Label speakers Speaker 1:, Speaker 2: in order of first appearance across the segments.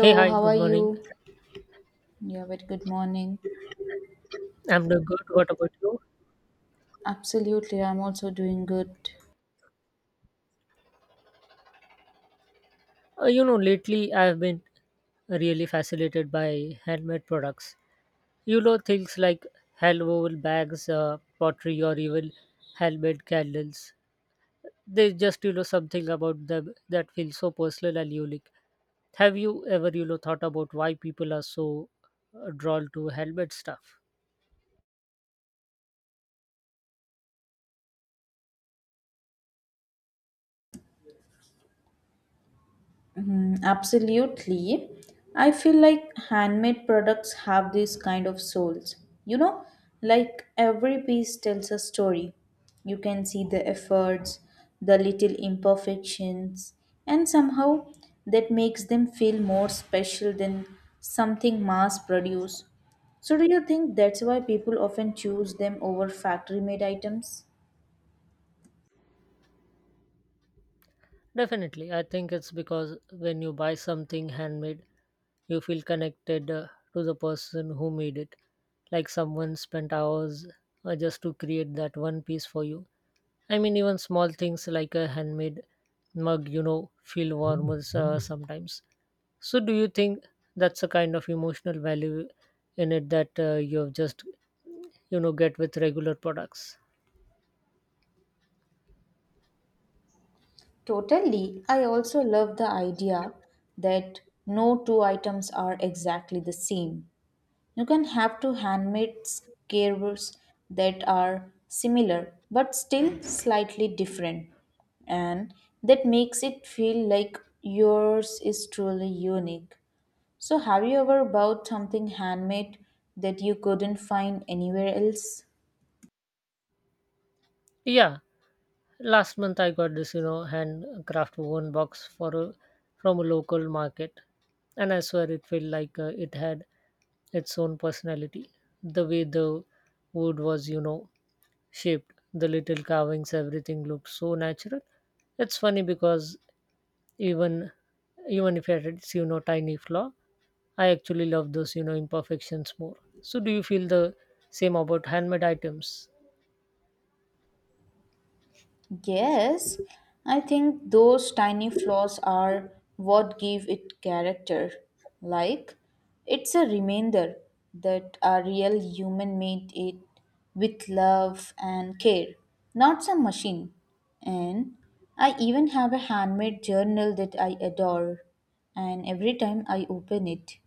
Speaker 1: Hey, hi,
Speaker 2: how are
Speaker 1: good morning.
Speaker 2: you? Yeah, very good morning.
Speaker 1: I'm doing good. What about you?
Speaker 2: Absolutely, I'm also doing good.
Speaker 1: Lately I've been really fascinated by handmade products. Things like hand-woven bags, pottery, or even handmade candles. There's just, something about them that feels so personal and unique. Have you ever, thought about why people are so drawn to handmade stuff?
Speaker 2: Mhm, absolutely. I feel like handmade products have this kind of souls. You know, like every piece tells a story. You can see the efforts, the little imperfections, and somehow that makes them feel more special than something mass produced. So, do you think that's why people often choose them over factory made items?
Speaker 1: Definitely, I think it's because when you buy something handmade, you feel connected to the person who made it. Like someone spent hours just to create that one piece for you. I mean, even small things like a handmade mug, feel warmer sometimes. So, do you think that's a kind of emotional value in it that you have just, get with regular products?
Speaker 2: Totally. I also love the idea that no two items are exactly the same. You can have two handmade scarves that are similar but still slightly different, and that makes it feel like yours is truly unique. So, have you ever bought something handmade that you couldn't find anywhere else?
Speaker 1: Yeah, last month I got this, handcraft woven box for a, from a local market, and I swear it felt like it had its own personality. The way the wood was, shaped, the little carvings, everything looked so natural. It's funny because even even if it is, tiny flaw, I actually love those, imperfections more. So do you feel the same about handmade items?
Speaker 2: Yes, I think those tiny flaws are what give it character. Like, it's a reminder that a real human made it with love and care, not some machine. And I even have a handmade journal that I adore, and every time I open it,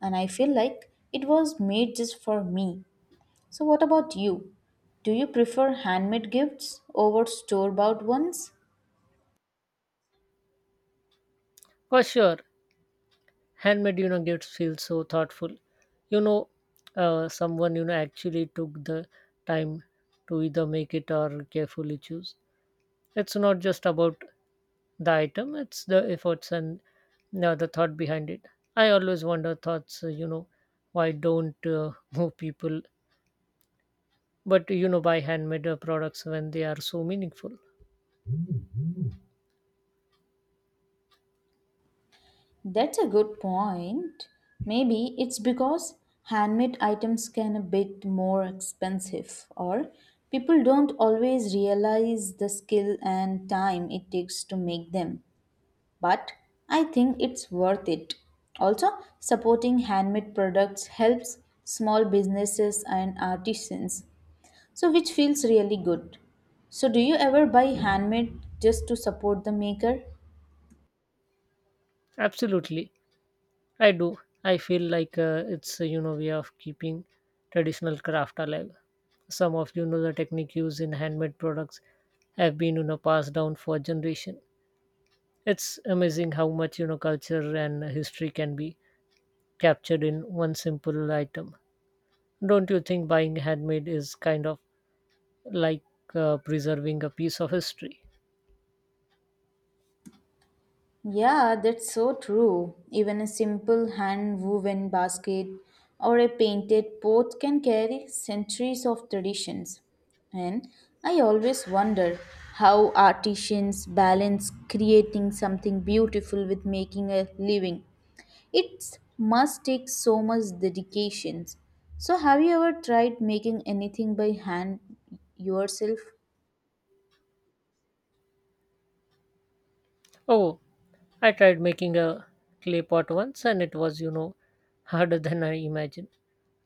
Speaker 2: and I feel like it was made just for me. So, what about you? Do you prefer handmade gifts over store bought ones?
Speaker 1: For sure. Handmade gifts feel so thoughtful, you know someone actually took the time to either make it or carefully choose. It's not just about the item, it's the efforts and you the thought behind it. I always wonder thoughts, why don't more people but buy handmade products when they are so meaningful?
Speaker 2: That's a good point. Maybe it's because handmade items can a bit more expensive or people don't always realize the skill and time it takes to make them. But I think it's worth it. Also, supporting handmade products helps small businesses and artisans, so which feels really good. So, do you ever buy handmade just to support the maker?
Speaker 1: Absolutely, I do. I feel like it's way of keeping traditional craft alive. Some of the technique used in handmade products have been passed down for generation. It's amazing how much culture and history can be captured in one simple item. Don't you think buying handmade is kind of like preserving a piece of history?
Speaker 2: Yeah, that's so true. Even a simple hand woven basket or a painted pot can carry centuries of traditions. And I always wonder how artisans balance creating something beautiful with making a living. It must take so much dedication. So, have you ever tried making anything by hand yourself?
Speaker 1: Oh, I tried making a clay pot once and it was harder than I imagined.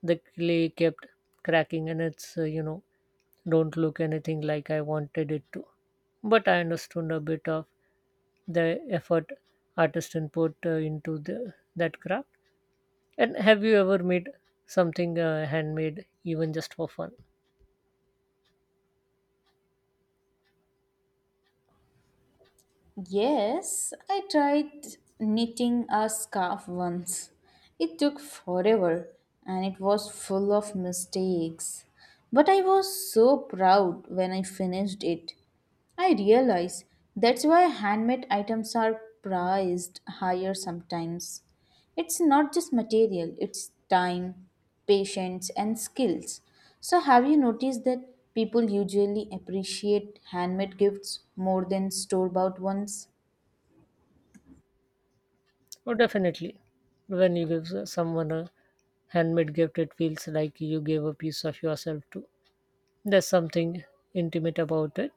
Speaker 1: The clay kept cracking and it's don't look anything like I wanted it to. But I understood a bit of the effort artists put into the, that craft. And have you ever made something handmade, even just for fun?
Speaker 2: Yes, I tried knitting a scarf once. It took forever and it was full of mistakes. But I was so proud when I finished it. I realized that's why handmade items are prized higher sometimes. It's not just material, it's time, patience, and skills. So, have you noticed that people usually appreciate handmade gifts more than store bought ones?
Speaker 1: Oh, definitely. When you give someone a handmade gift, it feels like you gave a piece of yourself too. There's something intimate about it.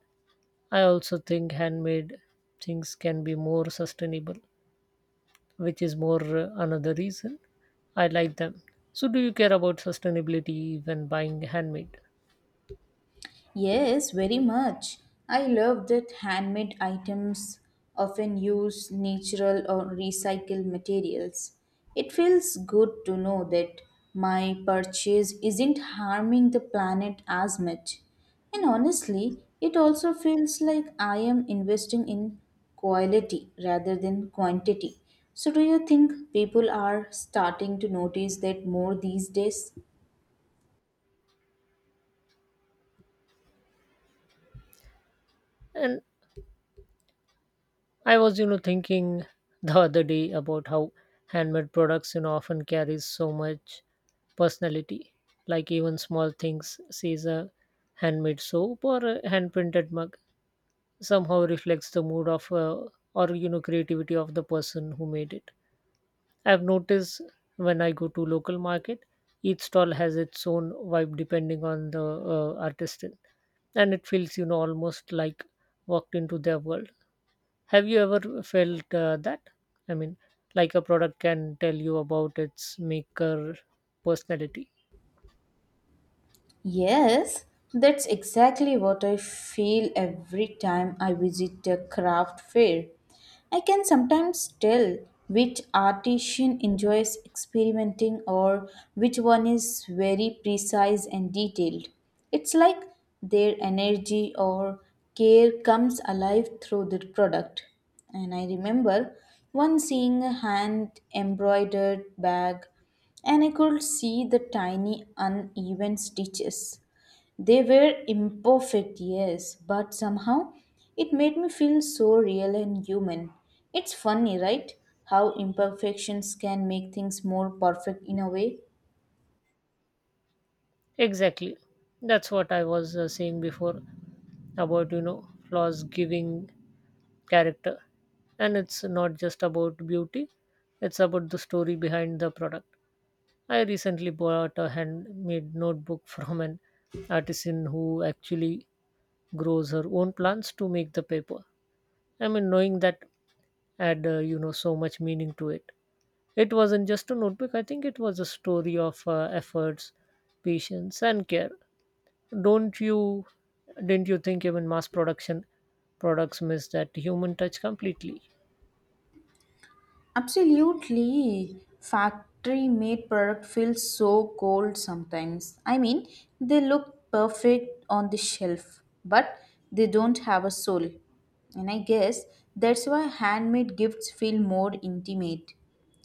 Speaker 1: I also think handmade things can be more sustainable, which is more another reason I like them. So, do you care about sustainability when buying handmade?
Speaker 2: Yes, very much. I love that handmade items often use natural or recycled materials. It feels good to know that my purchase isn't harming the planet as much. And honestly, it also feels like I am investing in quality rather than quantity. So, do you think people are starting to notice that more these days?
Speaker 1: And I was, thinking the other day about how handmade products, often carries so much personality. Like even small things, says a handmade soap or a hand printed mug, somehow reflects the mood of or creativity of the person who made it. I've noticed when I go to local market, each stall has its own vibe depending on the artist, and it feels almost like walked into their world. Have you ever felt that? I mean, like a product can tell you about its maker personality.
Speaker 2: Yes, that's exactly what I feel every time I visit a craft fair. I can sometimes tell which artisan enjoys experimenting or which one is very precise and detailed. It's like their energy or care comes alive through the product. And I remember once seeing a hand embroidered bag and I could see the tiny uneven stitches. They were imperfect, yes, but somehow it made me feel so real and human. It's funny, right? How imperfections can make things more perfect in a way.
Speaker 1: Exactly, that's what I was saying before about flaws giving character, and it's not just about beauty; it's about the story behind the product. I recently bought a handmade notebook from an artisan who actually grows her own plants to make the paper. I mean, knowing that had so much meaning to it. It wasn't just a notebook. I think it was a story of efforts, patience, and care. Don't you? Didn't you think even mass production products miss that human touch completely?
Speaker 2: Absolutely. Factory made product feels so cold sometimes. I mean, they look perfect on the shelf, but they don't have a soul. And I guess that's why handmade gifts feel more intimate.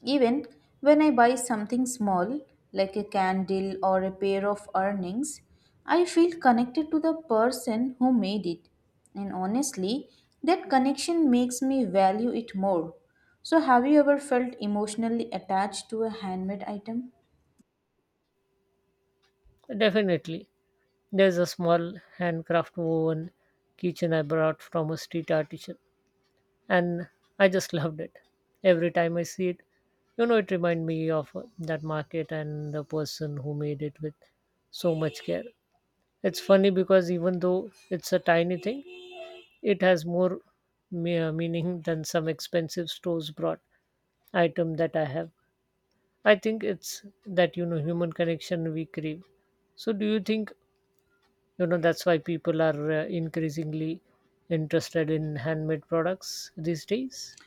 Speaker 2: Even when I buy something small, like a candle or a pair of earrings, I feel connected to the person who made it. And honestly, that connection makes me value it more. So, have you ever felt emotionally attached to a handmade item?
Speaker 1: Definitely. There's a small handcraft woven kitchen I bought from a street artisan, and I just loved it. Every time I see it, it reminds me of that market and the person who made it with so much care. It's funny because even though it's a tiny thing, it has more meaning than some expensive stores brought item that I have. I think it's that human connection we crave. So, do you think that's why people are increasingly interested in handmade products these days?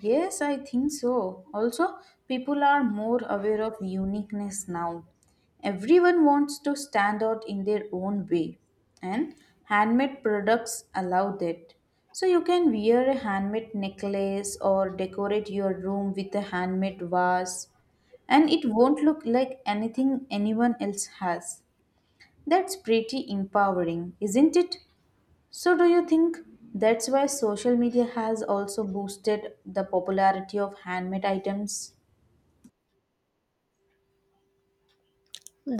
Speaker 2: Yes, I think so. Also, people are more aware of uniqueness now. Everyone wants to stand out in their own way, and handmade products allow that. So, you can wear a handmade necklace or decorate your room with a handmade vase, and it won't look like anything anyone else has. That's pretty empowering, isn't it? So, do you think that's why social media has also boosted the popularity of handmade items?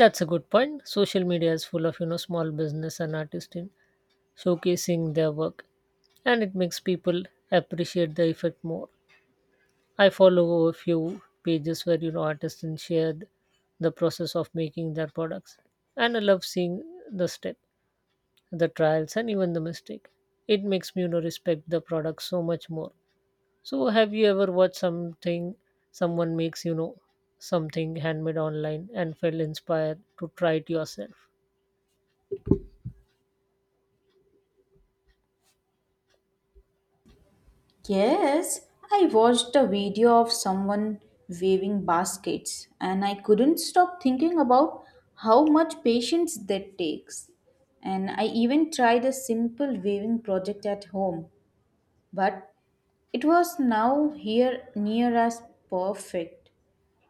Speaker 1: That's a good point. Social media is full of small business and artists in showcasing their work, and it makes people appreciate the effect more. I follow a few pages where artists and shared the process of making their products, and I love seeing the step, the trials, and even the mistake. It makes me respect the product so much more. So, have you ever watched something someone makes, something handmade online and felt inspired to try it yourself?
Speaker 2: Yes, I watched a video of someone weaving baskets and I couldn't stop thinking about how much patience that takes. And I even tried a simple weaving project at home, but it was now here near as perfect.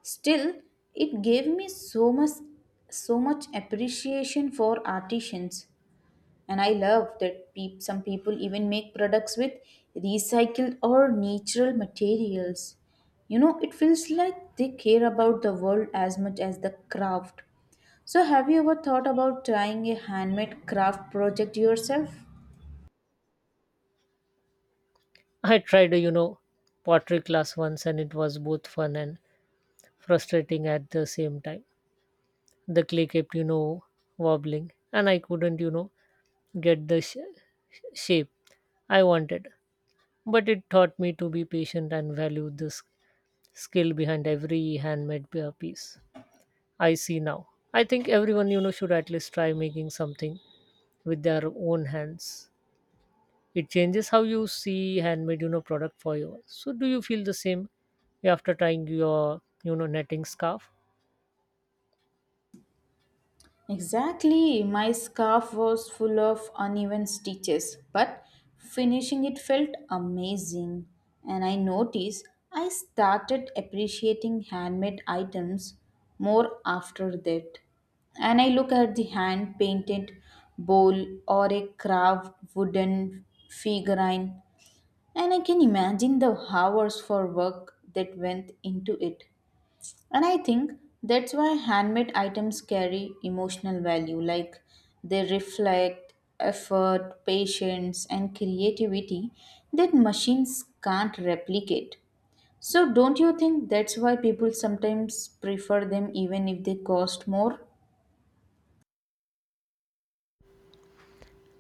Speaker 2: Still, it gave me so much so much appreciation for artisans and I love that peop some people even make products with recycled or natural materials. You know, it feels like they care about the world as much as the craft. So have you ever thought about trying a handmade craft project yourself?
Speaker 1: I tried a, pottery class once and it was both fun and frustrating at the same time. The clay kept, wobbling and I couldn't, get the shape I wanted. But it taught me to be patient and value the skill behind every handmade piece. I see now. I think everyone should at least try making something with their own hands. It changes how you see handmade product for you. So do you feel the same after trying your netting scarf?
Speaker 2: Exactly. My scarf was full of uneven stitches, but finishing it felt amazing. And I noticed I started appreciating handmade items more after that. And I look at the hand painted bowl or a carved wooden figurine, and I can imagine the hours for work that went into it. And I think that's why handmade items carry emotional value, like they reflect effort, patience, and creativity that machines can't replicate. So, don't you think that's why people sometimes prefer them even if they cost more?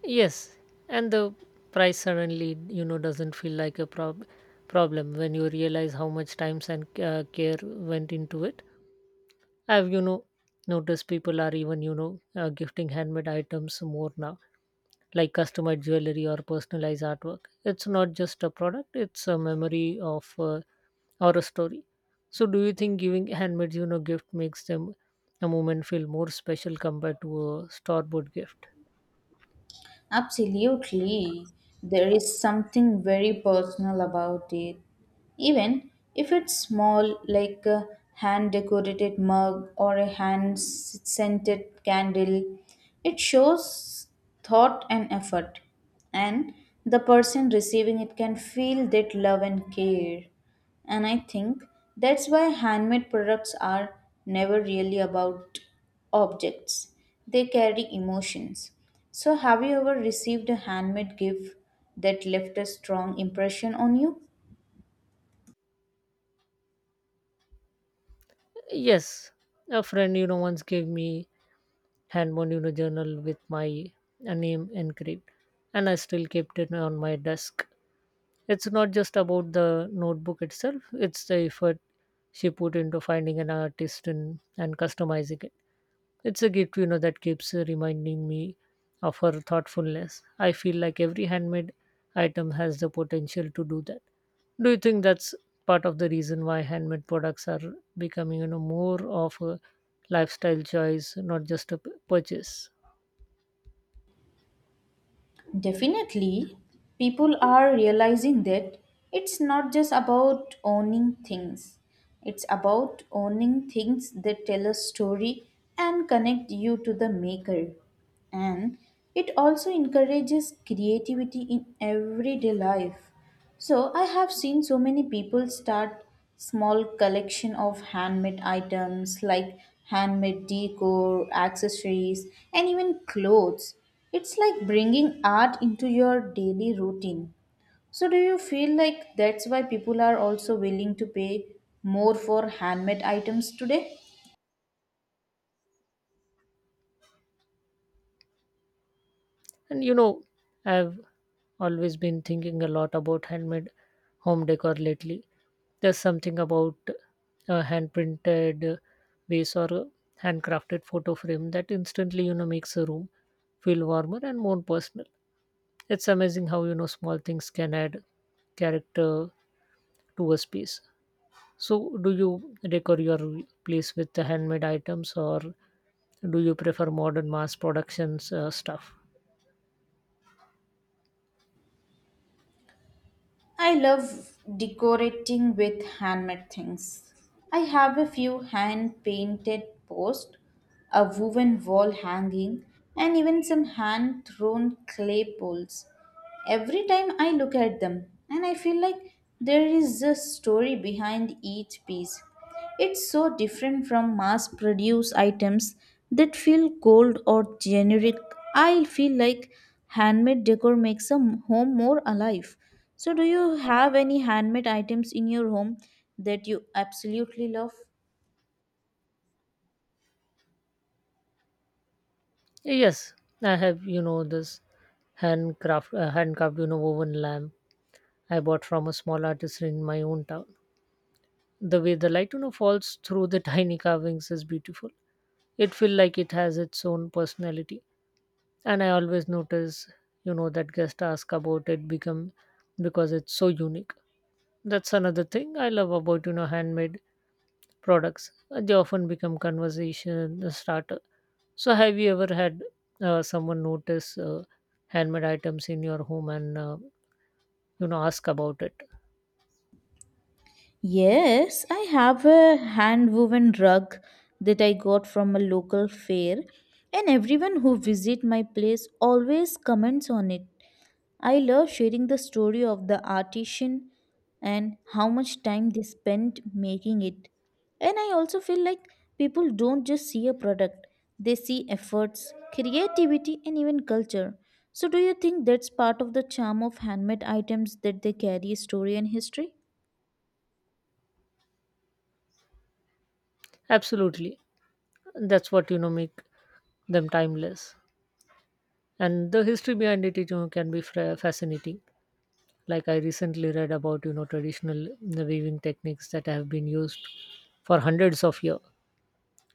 Speaker 1: Yes, and the price suddenly doesn't feel like a problem when you realize how much time and care went into it. I've noticed people are even gifting handmade items more now, like customized jewelry or personalized artwork. It's not just a product, it's a memory of or a story. So do you think giving handmade gift makes them a moment feel more special compared to a store bought gift?
Speaker 2: Absolutely. There is something very personal about it. Even if it's small, like a hand decorated mug or a hand scented candle, it shows thought and effort. And the person receiving it can feel that love and care. And I think that's why handmade products are never really about objects, they carry emotions. So, have you ever received a handmade gift that left a strong impression on you?
Speaker 1: Yes. A friend once gave me hand one, journal with my name engraved, and I still kept it on my desk. It's not just about the notebook itself; it's the effort she put into finding an artist and customizing it. It's a gift, that keeps reminding me of her thoughtfulness. I feel like every handmade item has the potential to do that. Do you think that's part of the reason why handmade products are becoming, more of a lifestyle choice, not just a purchase?
Speaker 2: Definitely, people are realizing that it's not just about owning things, it's about owning things that tell a story and connect you to the maker. And it also encourages creativity in everyday life. So I have seen so many people start small collection of handmade items like handmade decor accessories and even clothes. It's like bringing art into your daily routine. So do you feel like that's why people are also willing to pay more for handmade items today?
Speaker 1: And I've always been thinking a lot about handmade home decor lately. There's something about a hand printed vase or a handcrafted photo frame that instantly, makes a room feel warmer and more personal. It's amazing how, small things can add character to a space. So, do you decor your place with the handmade items or do you prefer modern mass productions stuff?
Speaker 2: I love decorating with handmade things. I have a few hand painted posts, a woven wall hanging, and even some hand thrown clay bowls. Every time I look at them, and I feel like there is a story behind each piece. It's so different from mass produced items that feel cold or generic. I feel like handmade decor makes a home more alive. So, do you have any handmade items in your home that you absolutely love?
Speaker 1: Yes, I have, this handcraft woven lamp I bought from a small artisan in my own town. The way the light, falls through the tiny carvings is beautiful. It feels like it has its own personality. And I always notice, that guests ask about it become because it's so unique. That's another thing I love about, handmade products. They often become conversation starter. So, have you ever had someone notice handmade items in your home and ask about it?
Speaker 2: Yes, I have a hand woven rug that I got from a local fair, and everyone who visit my place always comments on it. I love sharing the story of the artisan and how much time they spent making it. And I also feel like people don't just see a product, they see efforts, creativity, and even culture. So, do you think that's part of the charm of handmade items that they carry story and history?
Speaker 1: Absolutely, that's what make them timeless. And the history behind it, it can be fascinating. Like I recently read about traditional weaving techniques that have been used for hundreds of years.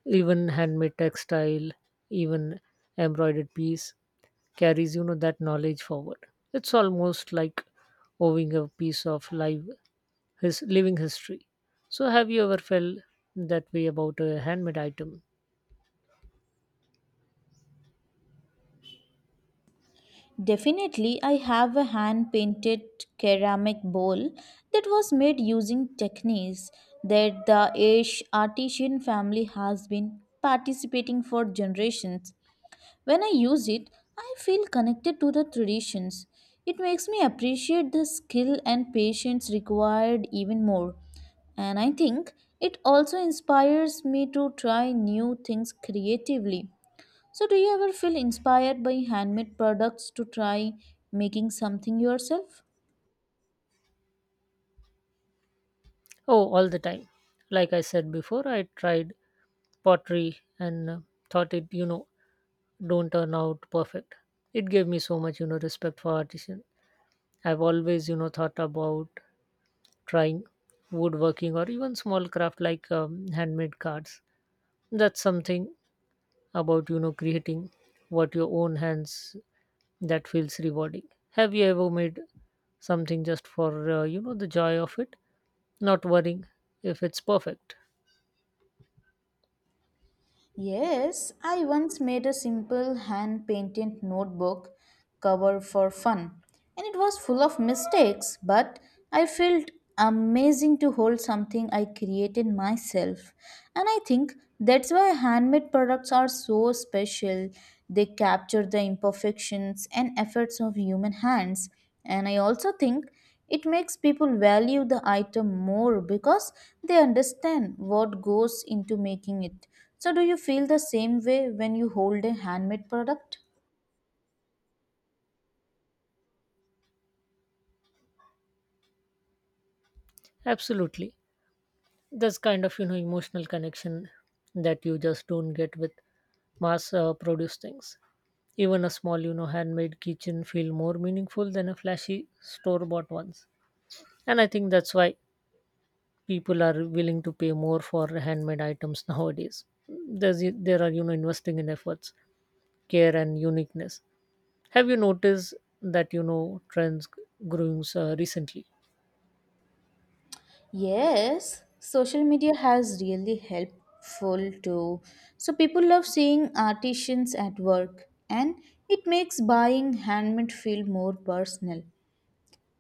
Speaker 1: Even handmade textile, even embroidered piece carries that knowledge forward. It's almost like owing a piece of live, his living history. So have you ever felt that way about a handmade item?
Speaker 2: Definitely, I have a hand painted ceramic bowl that was made using techniques that the Ash artisan family has been participating for generations. When I use it, I feel connected to the traditions. It makes me appreciate the skill and patience required even more. And I think it also inspires me to try new things creatively. So, do you ever feel inspired by handmade products to try making something yourself?
Speaker 1: Oh, all the time. Like I said before, I tried pottery and thought it don't turn out perfect. It gave me so much respect for artisan. I've always thought about trying woodworking or even small craft like handmade cards. That's something about creating what your own hands that feels rewarding. Have you ever made something just for the joy of it, not worrying if it's perfect?
Speaker 2: Yes, I once made a simple hand painted notebook cover for fun, and it was full of mistakes, but I felt amazing to hold something I created myself. And I think that's why handmade products are so special. They capture the imperfections and efforts of human hands. And I also think it makes people value the item more because they understand what goes into making it. So, do you feel the same way when you hold a handmade product?
Speaker 1: Absolutely. That's kind of emotional connection that you just don't get with mass produced things. Even a small handmade kitchen feel more meaningful than a flashy store bought ones. And I think that's why people are willing to pay more for handmade items nowadays. There are investing in efforts, care, and uniqueness. Have you noticed that trends growing recently?
Speaker 2: Yes, social media has really helpful too. So people love seeing artisans at work and it makes buying handmade feel more personal.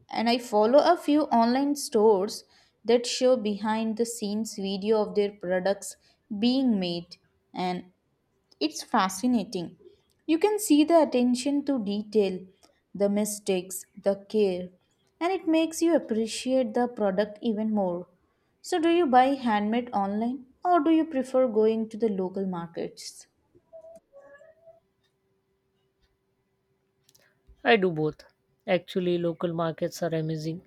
Speaker 2: And I follow a few online stores that show behind the scenes video of their products being made and it's fascinating. You can see the attention to detail, the mistakes, the care, and it makes you appreciate the product even more. So, do you buy handmade online or do you prefer going to the local markets?
Speaker 1: I do both. Actually, local markets are amazing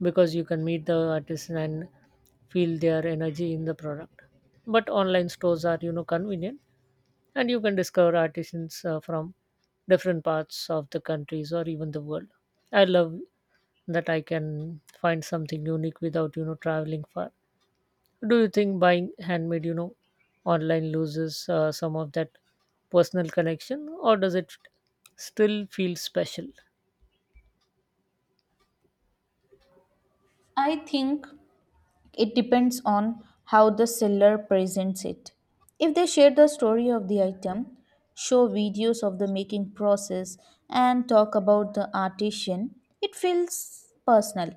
Speaker 1: because you can meet the artisan and feel their energy in the product. But online stores are convenient, and you can discover artisans from different parts of the countries or even the world. I love that I can find something unique without traveling far. Do you think buying handmade online loses some of that personal connection, or does it still feel special?
Speaker 2: I think it depends on how the seller presents it. If they share the story of the item, show videos of the making process, and talk about the artisan, it feels personal.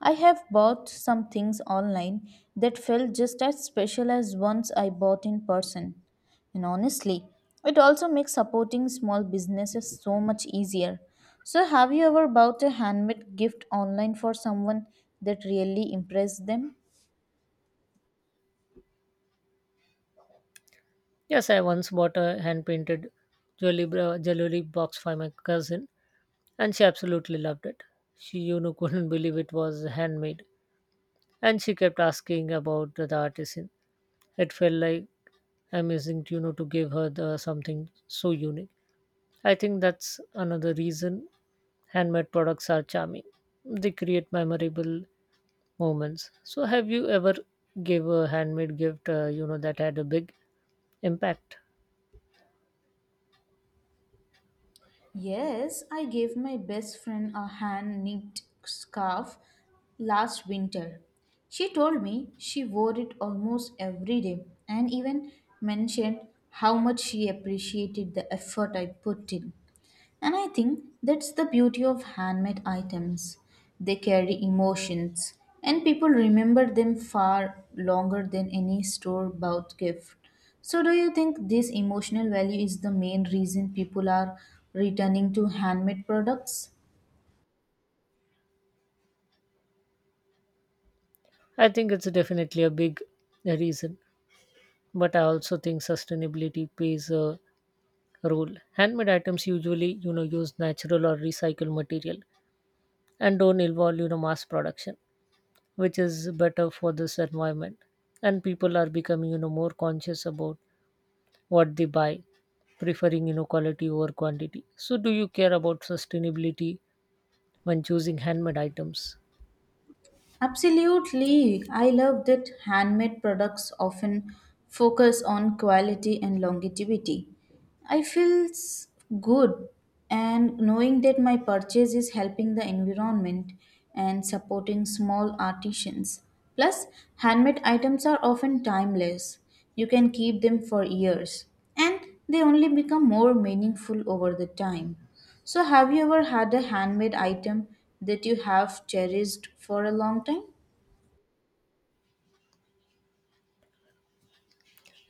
Speaker 2: I have bought some things online that felt just as special as ones I bought in person. And honestly, it also makes supporting small businesses so much easier. So, have you ever bought a handmade gift online for someone that really impressed them?
Speaker 1: Yes, I once bought a hand painted jewelry box for my cousin, and she absolutely loved it. She couldn't believe it was handmade, and she kept asking about the artisan. It felt like amazing, to, to give her the, something so unique. I think that's another reason handmade products are charming. They create memorable moments. So have you ever gave a handmade gift that had a big impact?
Speaker 2: Yes, I gave my best friend a hand knit scarf last winter. She told me she wore it almost every day and even mentioned how much she appreciated the effort I put in. And I think that's the beauty of handmade items. They carry emotions, and people remember them far longer than any store bought gift. So, do you think this emotional value is the main reason people are returning to handmade products?
Speaker 1: I think it's definitely a big reason, but I also think sustainability plays a role. Handmade items usually use natural or recycled material and don't involve mass production, which is better for this environment. And people are becoming more conscious about what they buy, preferring quality over quantity. So, do you care about sustainability when choosing handmade items?
Speaker 2: Absolutely. I love that handmade products often focus on quality and longevity. I feel good and knowing that my purchase is helping the environment and supporting small artisans. Plus, handmade items are often timeless. You can keep them for years and they only become more meaningful over the time. So, have you ever had a handmade item that you have cherished for a long time?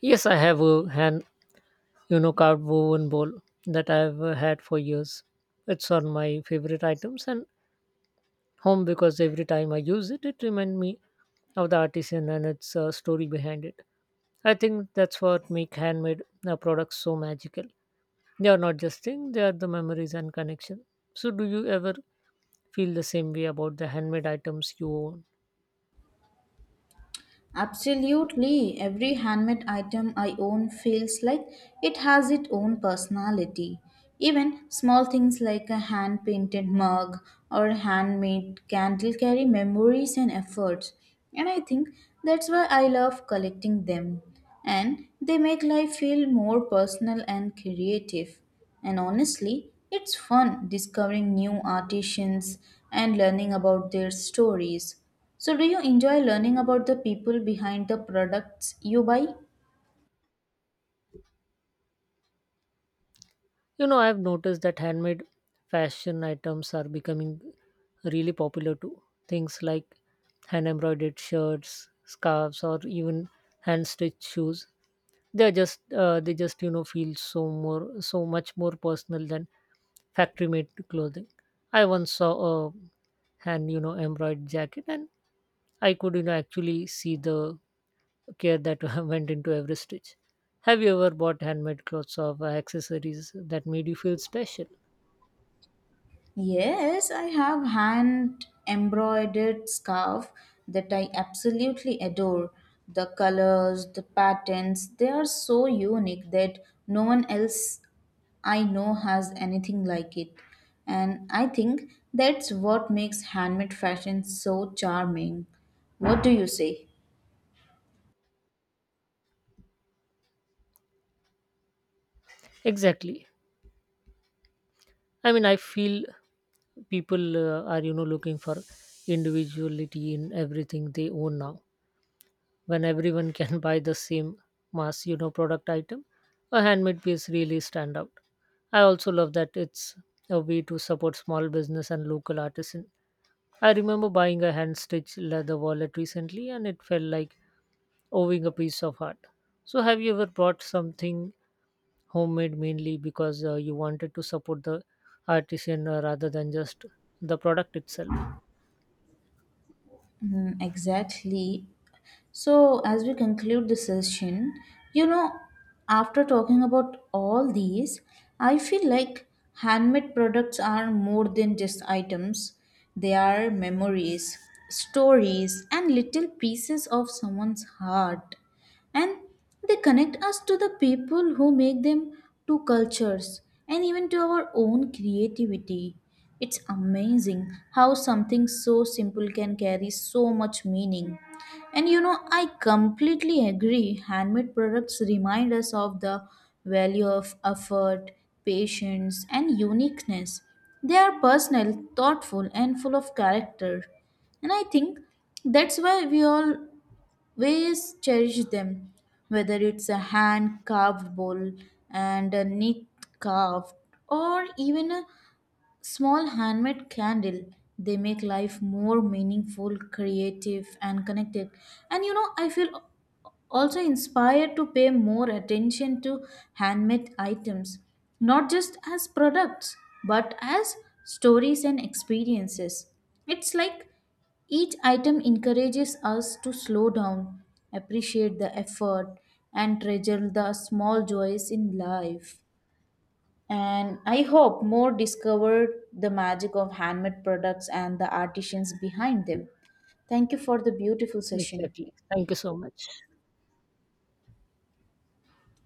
Speaker 1: Yes, I have a hand carved woven bowl that I've had for years. It's on my favorite items and home because every time I use it, it reminds me of the artisan and its story behind it. I think that's what make handmade products so magical. They are not just things; they are the memories and connection. So, do you ever feel the same way about the handmade items you own?
Speaker 2: Absolutely. Every handmade item I own feels like it has its own personality. Even small things like a hand painted mug or a handmade candle carry memories and efforts. And I think that's why I love collecting them. And they make life feel more personal and creative. And honestly, it's fun discovering new artisans and learning about their stories. So, do you enjoy learning about the people behind the products you buy?
Speaker 1: You know, I've noticed that handmade fashion items are becoming really popular too. Things like hand embroidered shirts, scarves, or even hand stitched shoes. They just feel so much more personal than factory made clothing. I once saw a hand embroidered jacket, and I could actually see the care that went into every stitch. Have you ever bought handmade clothes or accessories that made you feel special?
Speaker 2: Yes, I have hand embroidered scarf that I absolutely adore. The colors, the patterns, they are so unique that no one else I know has anything like it. And I think that's what makes handmade fashion so charming. What do you say?
Speaker 1: Exactly. I mean, I feel people are looking for individuality in everything they own now. When everyone can buy the same mass product item, a handmade piece really stand out. I also love that it's a way to support small business and local artisan. I remember buying a hand stitched leather wallet recently and it felt like owing a piece of art. So, have you ever bought something homemade mainly because you wanted to support the artisan rather than just the product itself?
Speaker 2: Mm, exactly. So, as we conclude this session, you know, after talking about all these, I feel like handmade products are more than just items, they are memories, stories, and little pieces of someone's heart, and they connect us to the people who make them, to cultures, and even to our own creativity. It's amazing how something so simple can carry so much meaning. And you know, I completely agree, handmade products remind us of the value of effort, patience, and uniqueness. They are personal, thoughtful, and full of character. And I think that's why we all ways cherish them, whether it's a hand carved bowl and a neat carved or even a small handmade candle, they make life more meaningful, creative, and connected. And you know, I feel also inspired to pay more attention to handmade items, not just as products, but as stories and experiences. It's like each item encourages us to slow down, appreciate the effort, and treasure the small joys in life. And I hope more discover the magic of handmade products and the artisans behind them. Thank you for the beautiful session.
Speaker 1: Exactly. Thank you so much.